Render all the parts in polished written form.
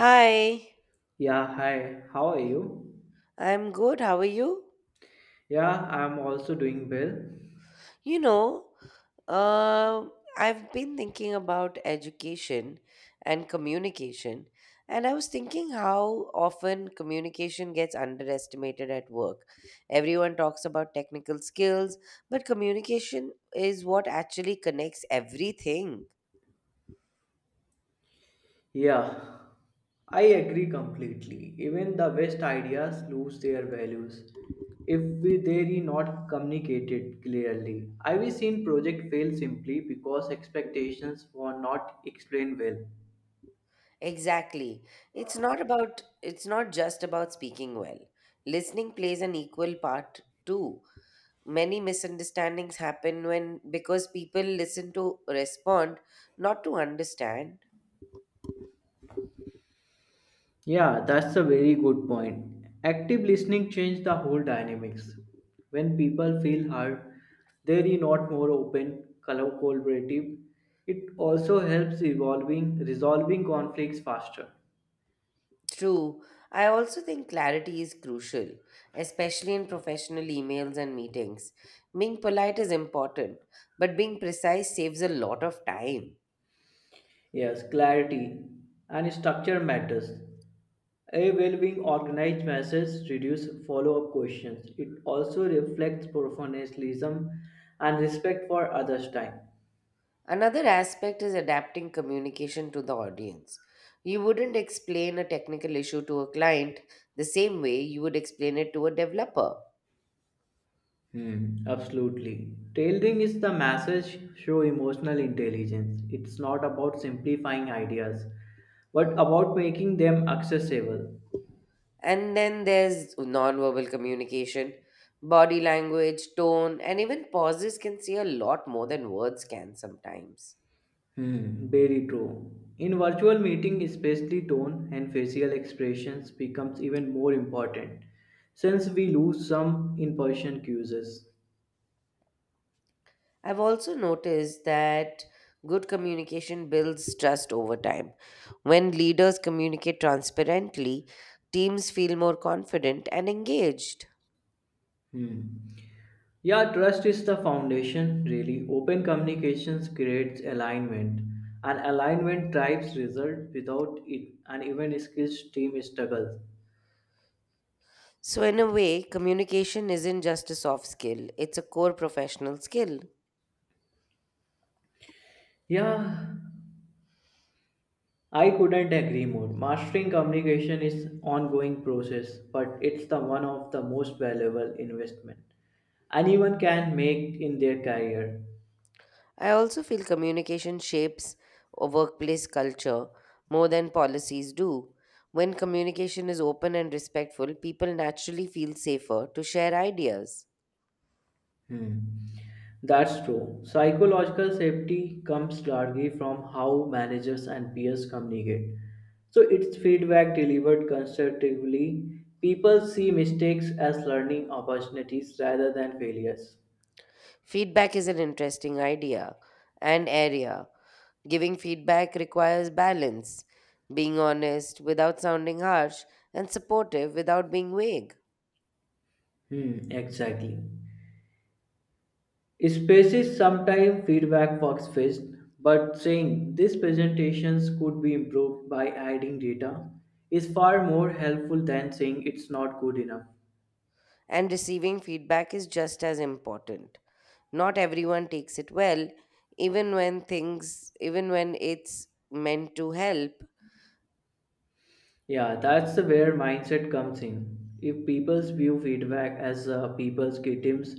Hi, Yeah, hi, how are you? I'm good. How are you? Yeah, I'm also doing well. You know, I've been thinking about education and communication, and I was thinking how often communication gets underestimated at work. Everyone talks about technical skills, but communication is what actually connects everything. Yeah, I agree completely. Even the best ideas lose their values if they are not communicated clearly. I've seen project fail simply because expectations were not explained well. Exactly. It's not just about speaking well. Listening plays an equal part too. Many misunderstandings happen when because people listen to respond, not to understand. Yeah, that's a very good point. Active listening changed the whole dynamics. When people feel heard, they are not more open, color collaborative. It also helps resolving conflicts faster. True. I also think clarity is crucial, especially in professional emails and meetings. Being polite is important, but being precise saves a lot of time. Yes, clarity and structure matters. A well-being organized message reduces follow-up questions. It also reflects professionalism and respect for others' time. Another aspect is adapting communication to the audience. You wouldn't explain a technical issue to a client the same way you would explain it to a developer. Hmm, absolutely. Tailoring is the masses show emotional intelligence. It's not about simplifying ideas, but about making them accessible. And then there's nonverbal communication. Body language, tone, and even pauses can say a lot more than words can sometimes. Hmm, very true. In virtual meeting, especially tone and facial expressions becomes even more important, since we lose some in-person cues. I've also noticed that good communication builds trust over time. When leaders communicate transparently, teams feel more confident and engaged. Hmm. Yeah, trust is the foundation, really. Open communications creates alignment, and alignment drives result. Without it, an even skills team struggles. So, in a way, communication isn't just a soft skill, it's a core professional skill. Yeah, I couldn't agree more. Mastering communication is ongoing process, but it's the one of the most valuable investment anyone can make in their career. I also feel communication shapes a workplace culture more than policies do. When communication is open and respectful, people naturally feel safer to share ideas. Hmm. That's true. Psychological safety comes largely from how managers and peers communicate. So it's feedback delivered constructively. People see mistakes as learning opportunities rather than failures. Feedback is an interesting idea and area. Giving feedback requires balance, being honest without sounding harsh, and supportive without being vague. Hmm, exactly. Spaces sometimes feedback works best, but saying these presentations could be improved by adding data is far more helpful than saying it's not good enough. And receiving feedback is just as important. Not everyone takes it well, even when it's meant to help. Yeah, that's the where mindset comes in. If people view feedback as people's victims,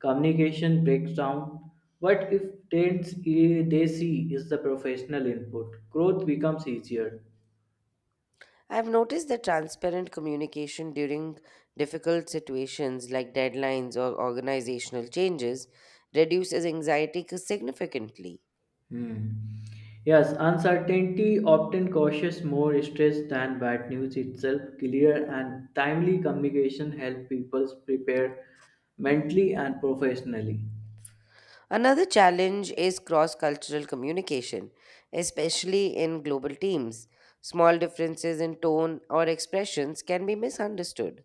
communication breaks down. What if they, they see is the professional input, growth becomes easier. I've noticed that transparent communication during difficult situations like deadlines or organizational changes reduces anxiety significantly. Hmm. Yes, uncertainty often causes more stress than bad news itself. Clear and timely communication help people prepare mentally and professionally. Another challenge is cross cultural communication, especially in global teams. Small differences in tone or expressions can be misunderstood.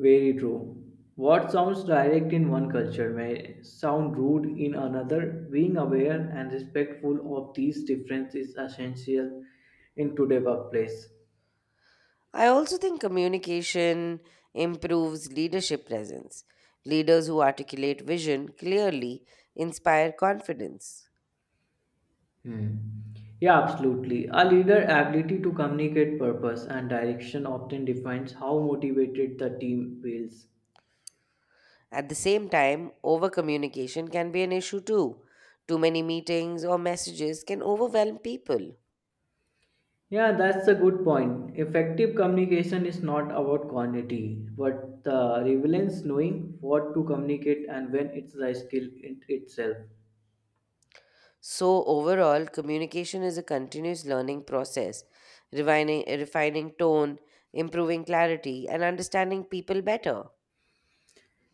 Very true. What sounds direct in one culture may sound rude in another. Being aware and respectful of these differences is essential in today's workplace. I also think communication improves leadership presence. Leaders who articulate vision clearly inspire confidence. Hmm. Yeah, absolutely. A leader' ability to communicate purpose and direction often defines how motivated the team feels. At the same time, over communication can be an issue too. Too many meetings or messages can overwhelm people. Yeah, that's a good point. Effective communication is not about quantity, but the relevance knowing what to communicate and when it's the skill in itself. So, overall, communication is a continuous learning process, refining tone, improving clarity, and understanding people better.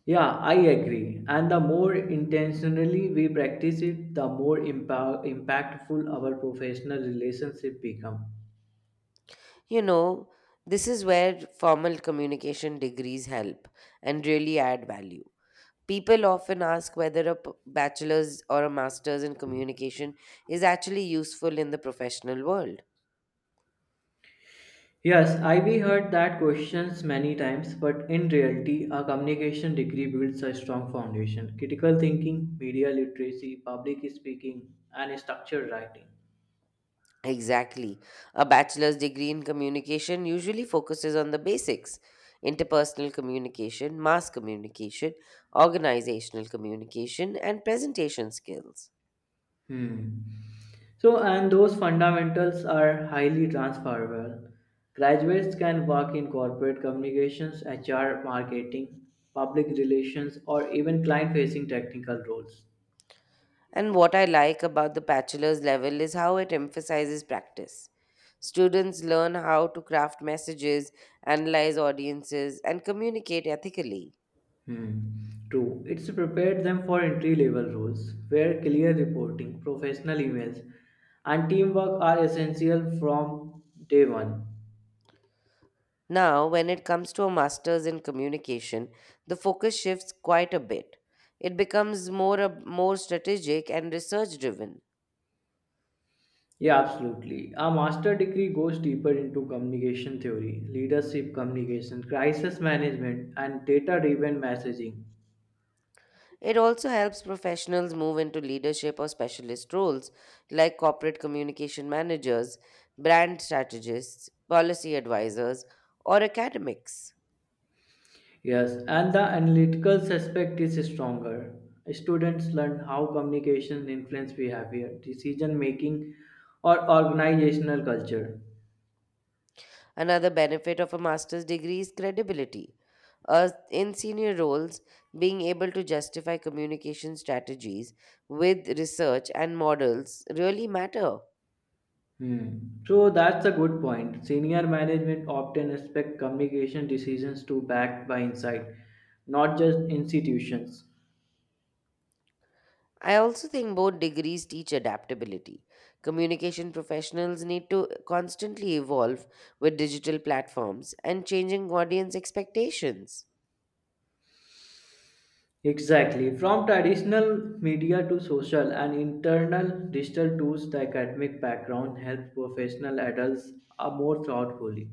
Yeah, I agree. And the more intentionally we practice it, the more impactful our professional relationship become. You know, this is where formal communication degrees help and really add value. People often ask whether a bachelor's or a master's in communication is actually useful in the professional world. Yes, I've heard that questions many times, but in reality, a communication degree builds a strong foundation. Critical thinking, media literacy, public speaking, and structured writing. Exactly. A bachelor's degree in communication usually focuses on the basics: interpersonal communication, mass communication, organizational communication, and presentation skills. Hmm. So, and those fundamentals are highly transferable. Graduates can work in corporate communications, HR, marketing, public relations, or even client facing technical roles. And what I like about the bachelor's level is how it emphasizes practice. Students learn how to craft messages, analyze audiences, and communicate ethically. Hmm. True. It's prepared them for entry level roles where clear reporting, professional emails, and teamwork are essential from day one. Now, when it comes to a master's in communication, the focus shifts quite a bit. It becomes more strategic and research driven. Yeah, absolutely. A master degree goes deeper into communication theory, leadership communication, crisis management, and data driven messaging. It also helps professionals move into leadership or specialist roles like corporate communication managers, brand strategists, policy advisors, or academics. Yes, and the analytical aspect is stronger. Students learn how communication influence behavior, decision making, or organizational culture. Another benefit of a master's degree is credibility. In senior roles, being able to justify communication strategies with research and models really matter. Hmm. So that's a good point. Senior management often expect communication decisions to backed by insight, not just institutions. I also think both degrees teach adaptability. Communication professionals need to constantly evolve with digital platforms and changing audience expectations. Exactly. From traditional media to social and internal digital tools, the academic background helps professional adults are more thoughtfully.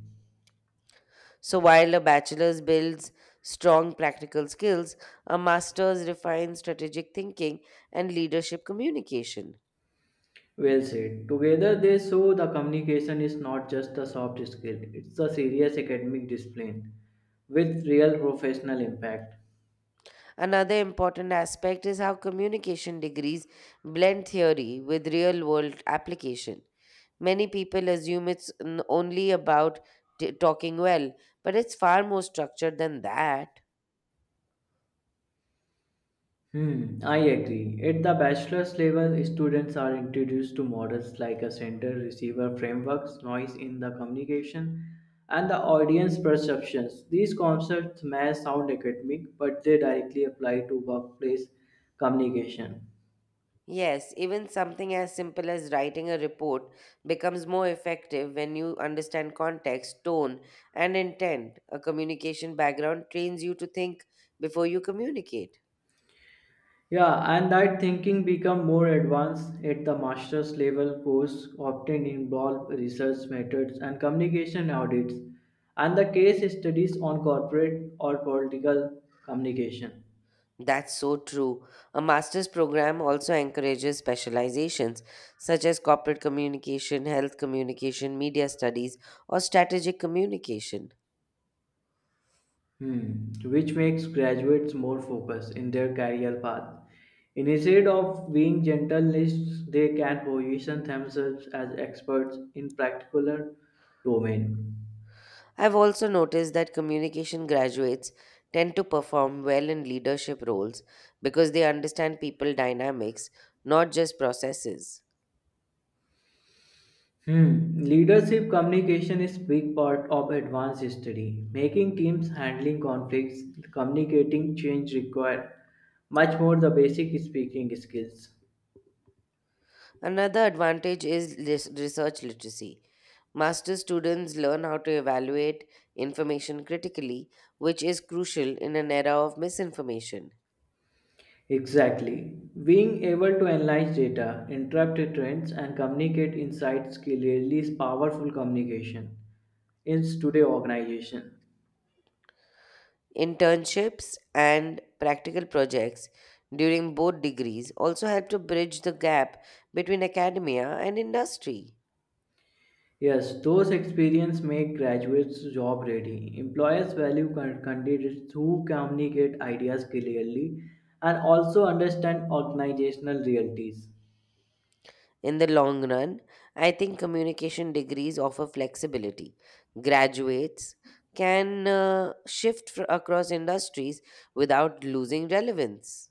So, while a bachelor's builds strong practical skills, a master's refines strategic thinking and leadership communication. Well said. Together, they show the communication is not just a soft skill, it's a serious academic discipline with real professional impact. Another important aspect is how communication degrees blend theory with real world application. Many people assume it's only about talking well, but it's far more structured than that. Hmm, I agree. At the bachelor's level, students are introduced to models like a center receiver frameworks, noise in the communication, and the audience perceptions. These concepts may sound academic, but they directly apply to workplace communication. Yes, even something as simple as writing a report becomes more effective when you understand context, tone, and intent. A communication background trains you to think before you communicate. Yeah, and that thinking become more advanced at the master's level course often involve research methods and communication audits and the case studies on corporate or political communication. That's so true. A master's program also encourages specializations such as corporate communication, health communication, media studies, or strategic communication. Hmm, which makes graduates more focused in their career path. Instead of being generalists, they can position themselves as experts in particular domain. I've also noticed that communication graduates tend to perform well in leadership roles because they understand people dynamics, not just processes. Hmm, leadership communication is big part of advanced study. Making teams handling conflicts, communicating change require much more the basic speaking skills. Another advantage is research literacy. Master students learn how to evaluate information critically, which is crucial in an era of misinformation. Exactly. Being able to analyze data, interpret trends, and communicate insights clearly is powerful communication in today's organization. Internships and practical projects during both degrees also help to bridge the gap between academia and industry. Yes, those experience make graduates job ready. Employers value candidates who communicate ideas clearly and also understand organizational realities. In the long run, I think communication degrees offer flexibility. Graduates can shift across industries without losing relevance.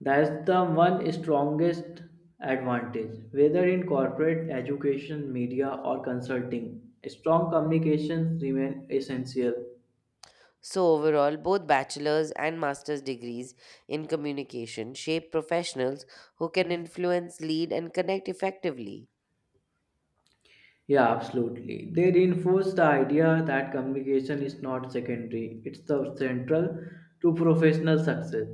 That's the one strongest advantage, whether in corporate, education, media, or consulting. Strong communications remain essential. So, overall, both bachelor's and master's degrees in communication shape professionals who can influence, lead, and connect effectively. Yeah, absolutely. They reinforce the idea that communication is not secondary, it's the central to professional success.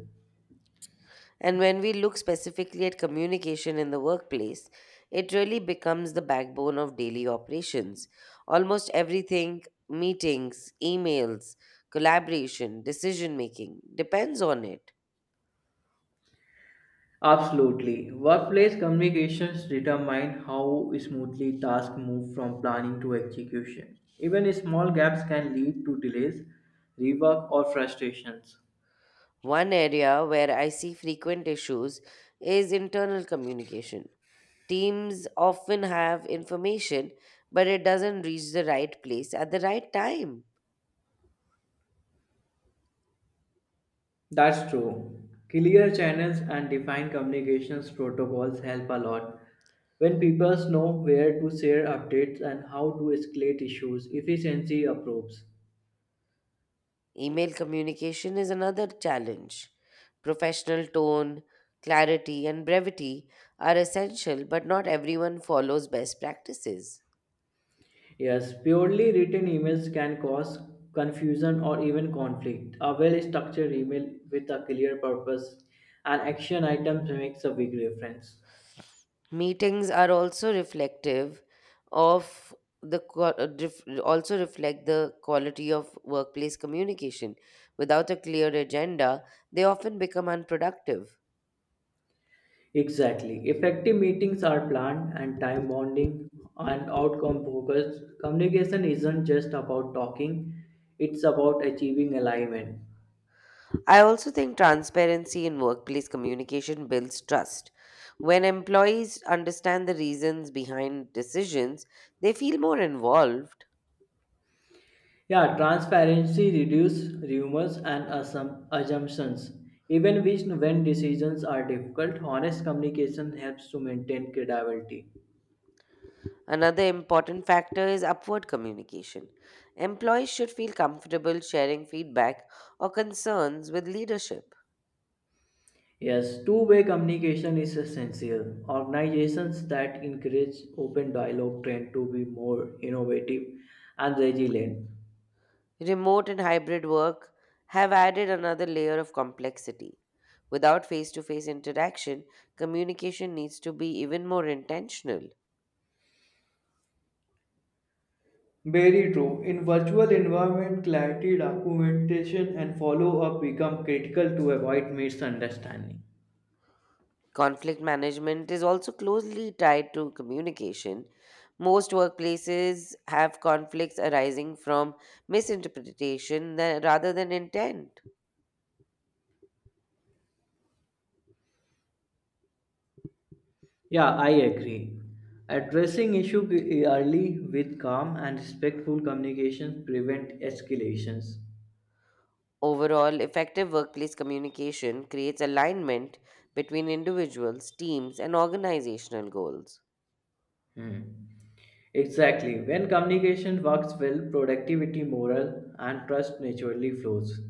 And when we look specifically at communication in the workplace, it really becomes the backbone of daily operations. Almost everything: meetings, emails, collaboration, decision making, depends on it. Absolutely. Workplace communications determine how smoothly tasks move from planning to execution. Even small gaps can lead to delays, rework, or frustrations. One area where I see frequent issues is internal communication. Teams often have information, but it doesn't reach the right place at the right time. That's true. Clear channels and defined communications protocols help a lot. When people know where to share updates and how to escalate issues, efficiency improves. Email communication is another challenge. Professional tone, clarity, and brevity are essential, but not everyone follows best practices. Yes, purely written emails can cause confusion or even conflict. A well structured email with a clear purpose and action items makes a big difference. Meetings are also reflective of the also reflect the quality of workplace communication. Without a clear agenda, they often become unproductive. Exactly. Effective meetings are planned and time bounding and outcome focused. Communication isn't just about talking, it's about achieving alignment. I also think transparency in workplace communication builds trust. When employees understand the reasons behind decisions, they feel more involved. Yeah, transparency reduces rumors and assumptions. Even when decisions are difficult, honest communication helps to maintain credibility. Another important factor is upward communication. Employees should feel comfortable sharing feedback or concerns with leadership. Yes, two-way communication is essential. Organizations that encourage open dialogue tend to be more innovative and resilient. Remote and hybrid work have added another layer of complexity. Without face to face interaction, communication needs to be even more intentional. Very true. In virtual environment, clarity, documentation, and follow-up become critical to avoid misunderstanding. Conflict management is also closely tied to communication. Most workplaces have conflicts arising from misinterpretation rather than intent. Yeah, I agree. Addressing issue early with calm and respectful communications prevent escalations. Overall, effective workplace communication creates alignment between individuals, teams, and organizational goals. Hmm. Exactly. When communication works well, productivity, morale, and trust naturally flows.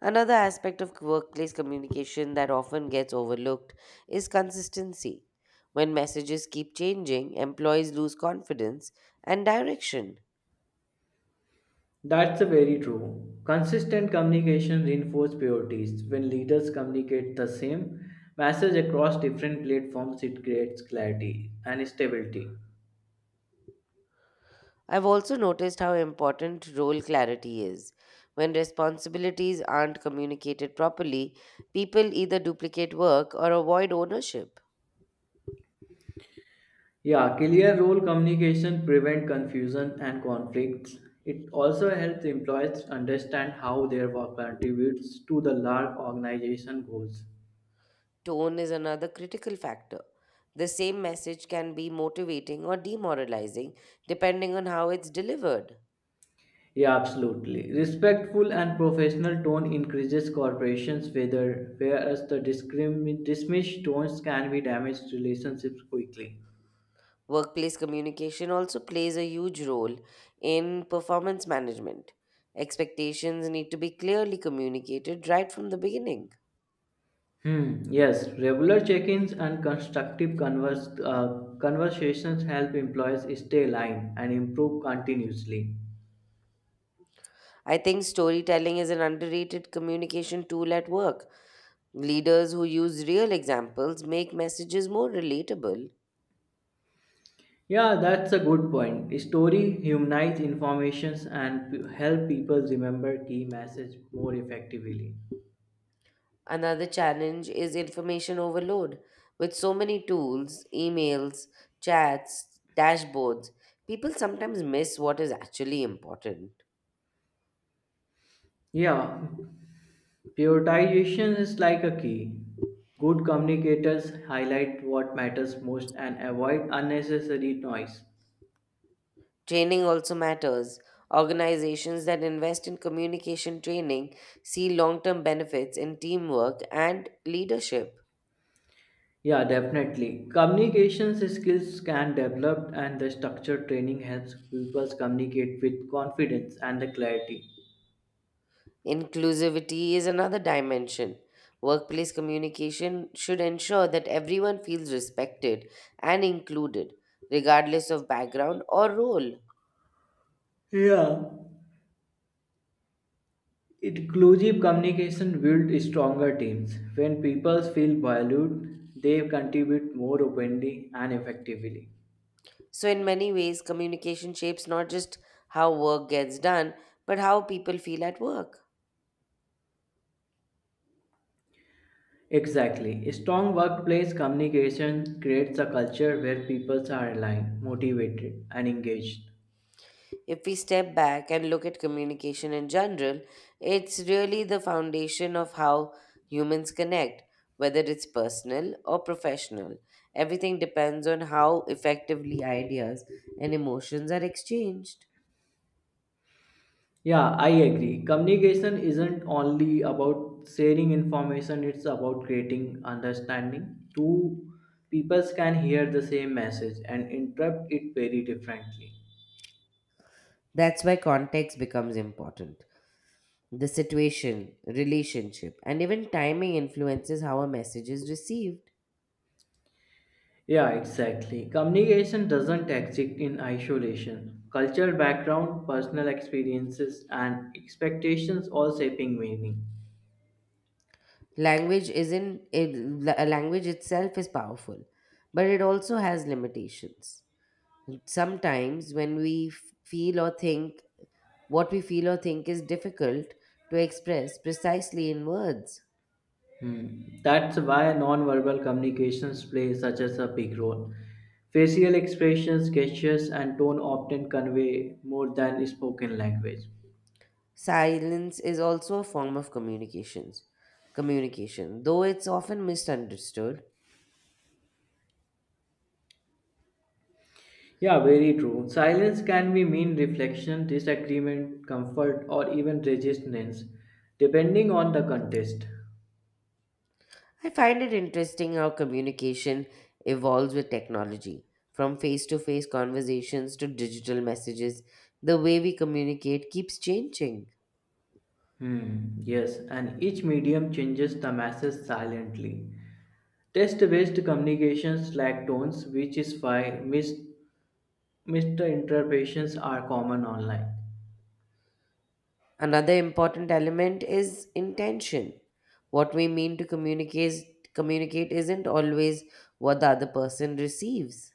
Another aspect of workplace communication that often gets overlooked is consistency. When messages keep changing, employees lose confidence and direction. That's very true. Consistent communication reinforces priorities. When leaders communicate the same message across different platforms, it creates clarity and stability. I've also noticed how important role clarity is. When responsibilities aren't communicated properly, people either duplicate work or avoid ownership. Yeah, clear role communication prevents confusion and conflicts. It also helps employees understand how their work contributes to the large organization goals. Tone is another critical factor. The same message can be motivating or demoralizing depending on how it's delivered. Yeah, absolutely. Respectful and professional tone increases corporations, whether whereas the dismissed tones can be damage relationships quickly. Workplace communication also plays a huge role in performance management. Expectations need to be clearly communicated right from the beginning. Hmm. Yes, regular check-ins and constructive conversations help employees stay aligned and improve continuously. I think storytelling is an underrated communication tool at work. Leaders who use real examples make messages more relatable. Yeah, that's a good point. Story humanize informations and help people remember key message more effectively. Another challenge is information overload. With so many tools, emails, chats, dashboards, people sometimes miss what is actually important. Yeah, prioritization is like a key. Good communicators highlight what matters most and avoid unnecessary noise. Training also matters. Organizations that invest in communication training see long term benefits in teamwork and leadership. Yeah, definitely. Communications skills can develop and the structured training helps people communicate with confidence and the clarity. Inclusivity is another dimension. Workplace communication should ensure that everyone feels respected and included, regardless of background or role. Yeah. Inclusive communication builds stronger teams. When people feel valued, they contribute more openly and effectively. So, in many ways, communication shapes not just how work gets done, but how people feel at work. Exactly. Strong workplace communication creates a culture where people are aligned, motivated, and engaged. If we step back and look at communication in general, it's really the foundation of how humans connect, whether it's personal or professional. Everything depends on how effectively ideas and emotions are exchanged. Yeah, I agree. Communication isn't only about sharing information, it's about creating understanding. Two peoples can hear the same message and interpret it very differently. That's why context becomes important. The situation, relationship, and even timing influences how a message is received. Yeah, exactly. Communication doesn't exist in isolation. Cultural background, personal experiences, and expectations all shaping meaning. Language isn't it, la- Language itself is powerful, but it also has limitations. Sometimes, when we feel or think, what we feel or think is difficult to express precisely in words. Hmm. That's why nonverbal communications play such as a big role. Facial expressions, gestures, and tone often convey more than spoken language. Silence is also a form of communication, though it's often misunderstood. Yeah, very true. Silence can be mean reflection, disagreement, comfort, or even resistance, depending on the context. I find it interesting how communication evolves with technology, from face to face conversations to digital messages. The way we communicate keeps changing. Hmm, yes, and each medium changes the message silently. Text-based communications lack tones, which is why misinterpretations are common online. Another important element is intention. What we mean to communicate isn't always what the other person receives.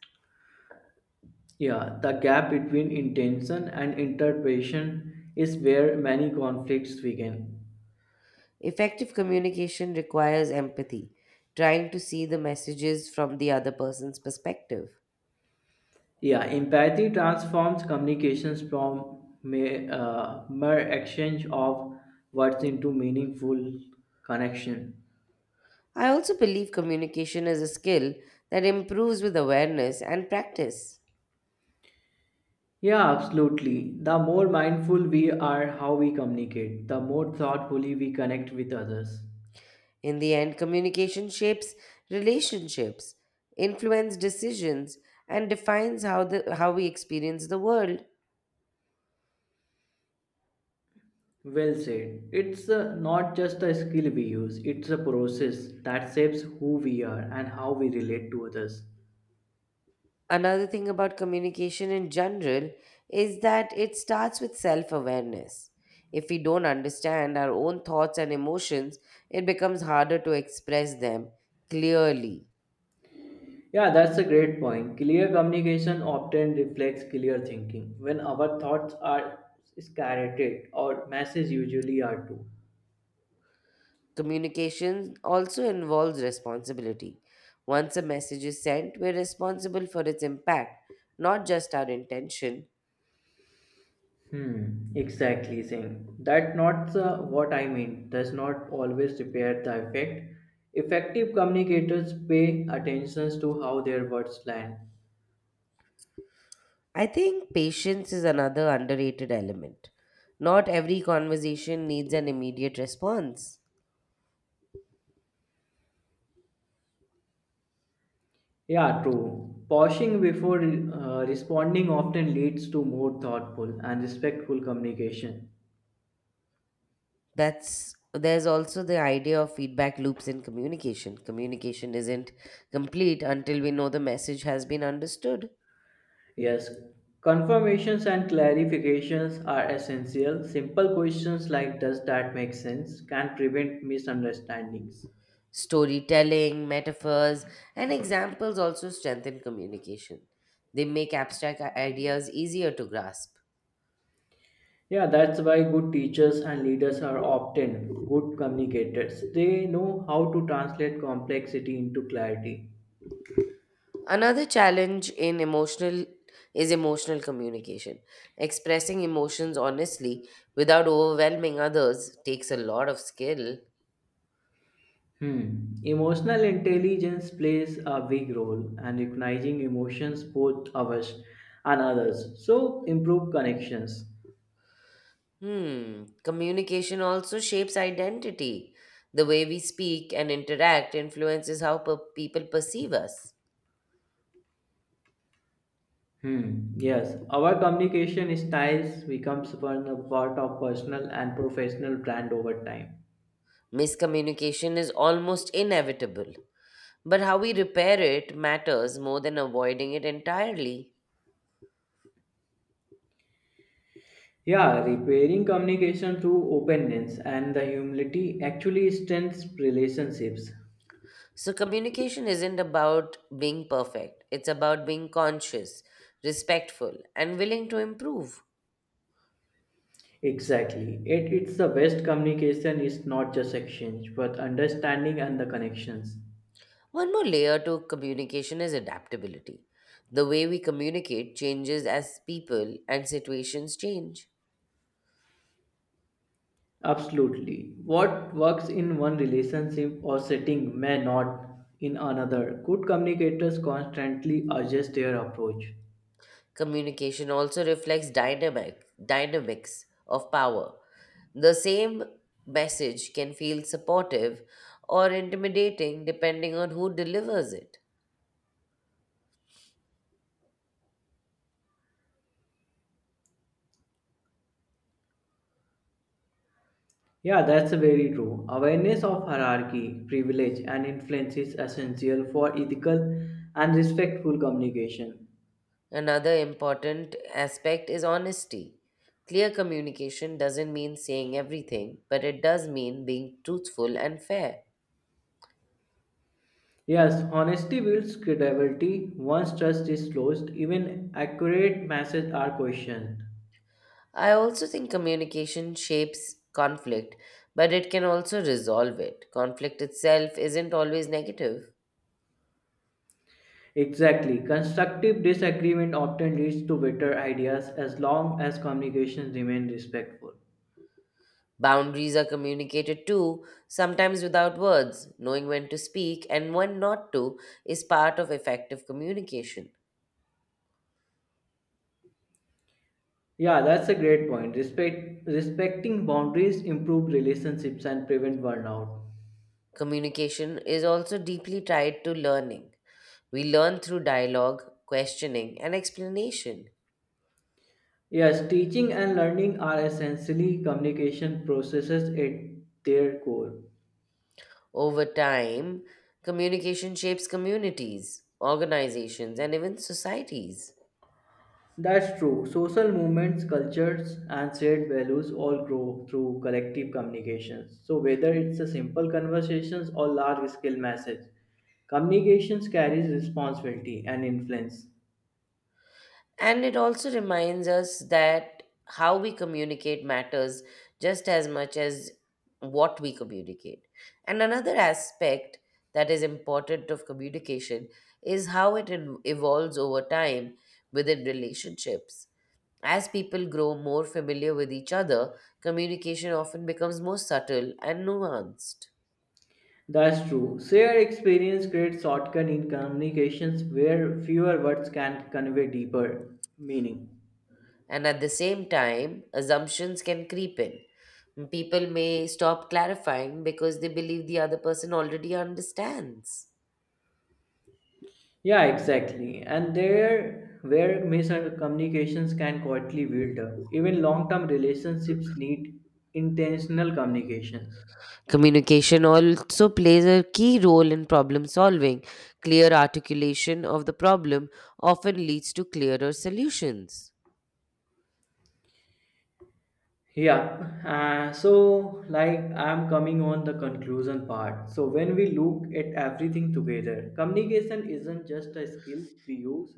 Yeah, the gap between intention and interpretation is where many conflicts begin. Effective communication requires empathy, trying to see the messages from the other person's perspective. Yeah, empathy transforms communications from mere exchange of words into meaningful connection. I also believe communication is a skill that improves with awareness and practice. Yeah, absolutely. The more mindful we are how we communicate, the more thoughtfully we connect with others. In the end, communication shapes relationships, influences decisions, and defines how we experience the world. Well said. It's not just a skill we use, it's a process that shapes who we are and how we relate to others. Another thing about communication in general is that it starts with self awareness. If we don't understand our own thoughts and emotions, it becomes harder to express them clearly. Yeah, that's a great point. Clear communication often reflects clear thinking. When our thoughts are scattered, our messages usually are too. Communication also involves responsibility. Once a message is sent, we're responsible for its impact, not just our intention. Hmm, exactly Singh. That's not what I mean does not always repair the effect. Effective communicators pay attention to how their words land. I think patience is another underrated element. Not every conversation needs an immediate response. Yeah, true. Pausing before responding often leads to more thoughtful and respectful communication. That's There's also the idea of feedback loops in communication. Communication isn't complete until we know the message has been understood. Yes, confirmations and clarifications are essential. Simple questions like does that make sense can prevent misunderstandings. Storytelling, metaphors, and examples also strengthen communication. They make abstract ideas easier to grasp. Yeah, that's why good teachers and leaders are often good communicators. They know how to translate complexity into clarity. Another challenge in emotional is emotional communication. Expressing emotions honestly without overwhelming others takes a lot of skill. Hmm. Emotional intelligence plays a big role and recognizing emotions both ours and others. So improve connections. Hmm. Communication also shapes identity. The way we speak and interact influences how people perceive us. Hmm. Yes, our communication styles becomes one a part of personal and professional brand over time. Miscommunication is almost inevitable, but how we repair it matters more than avoiding it entirely. Yeah, repairing communication through openness and the humility actually strengthens relationships. So, communication isn't about being perfect, it's about being conscious, respectful, and willing to improve. Exactly. It's the best communication is not just exchange, but understanding and the connections. One more layer to communication is adaptability. The way we communicate changes as people and situations change. Absolutely. What works in one relationship or setting may not in another. Good communicators constantly adjust their approach. Communication also reflects dynamics of power. The same message can feel supportive or intimidating depending on who delivers it. Yeah, that's very true. Awareness of hierarchy, privilege, and influence is essential for ethical and respectful communication. Another important aspect is honesty. Clear communication doesn't mean saying everything, but it does mean being truthful and fair. Yes, honesty builds credibility. Once trust is lost, even accurate messages are questioned. I also think communication shapes conflict, but it can also resolve it. Conflict itself isn't always negative. Exactly. Constructive disagreement often leads to better ideas as long as communications remain respectful. Boundaries are communicated too, sometimes without words. Knowing when to speak and when not to is part of effective communication. Yeah, that's a great point. Respecting boundaries improve relationships and prevent burnout. Communication is also deeply tied to learning. We learn through dialogue, questioning, and explanation. Yes, teaching and learning are essentially communication processes at their core. Over time, communication shapes communities, organizations, and even societies. That's true. Social movements, cultures, and shared values all grow through collective communications. So, whether it's a simple conversations or large scale message, communications carries responsibility and influence. And it also reminds us that how we communicate matters just as much as what we communicate. And another aspect that is important of communication is how it evolves over time within relationships. As people grow more familiar with each other, communication often becomes more subtle and nuanced. That's true. Shared experience creates shortcut in communications where fewer words can convey deeper meaning. And at the same time, assumptions can creep in. People may stop clarifying because they believe the other person already understands. Yeah, exactly. And there where miscommunications can quietly wilder. Even long-term relationships need intentional communications. Communication also plays a key role in problem solving. Clear articulation of the problem often leads to clearer solutions. Yeah. So like I'm coming on the conclusion part. So when we look at everything together, communication isn't just a skill we use.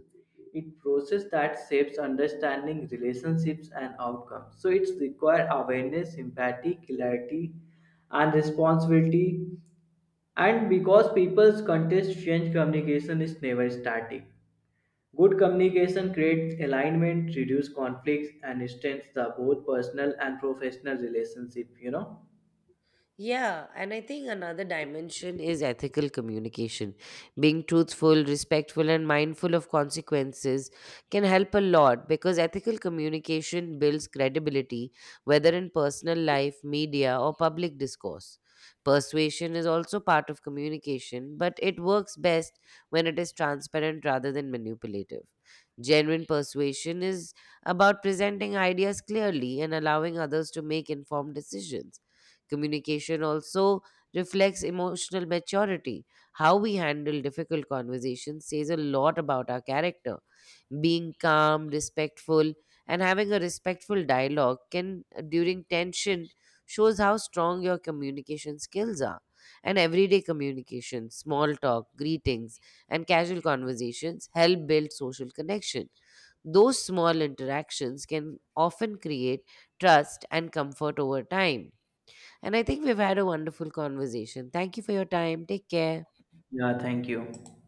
It process that shapes understanding relationships and outcomes. So it's require awareness, empathy, clarity, and responsibility. And because people's context change, communication is never static. Good communication creates alignment, reduces conflicts, and strengthens the both personal and professional relationship. Yeah, and I think another dimension is ethical communication. Being truthful, respectful, and mindful of consequences can help a lot, because ethical communication builds credibility, whether in personal life, media, or public discourse. Persuasion is also part of communication, but it works best when it is transparent rather than manipulative. Genuine persuasion is about presenting ideas clearly and allowing others to make informed decisions. Communication also reflects emotional maturity. How we handle difficult conversations says a lot about our character. Being calm, respectful, and having a respectful dialogue during tension, shows how strong your communication skills are. And everyday communication, small talk, greetings, and casual conversations help build social connection. Those small interactions can often create trust and comfort over time. And I think we've had a wonderful conversation. Thank you for your time. Take care. Yeah. Thank you.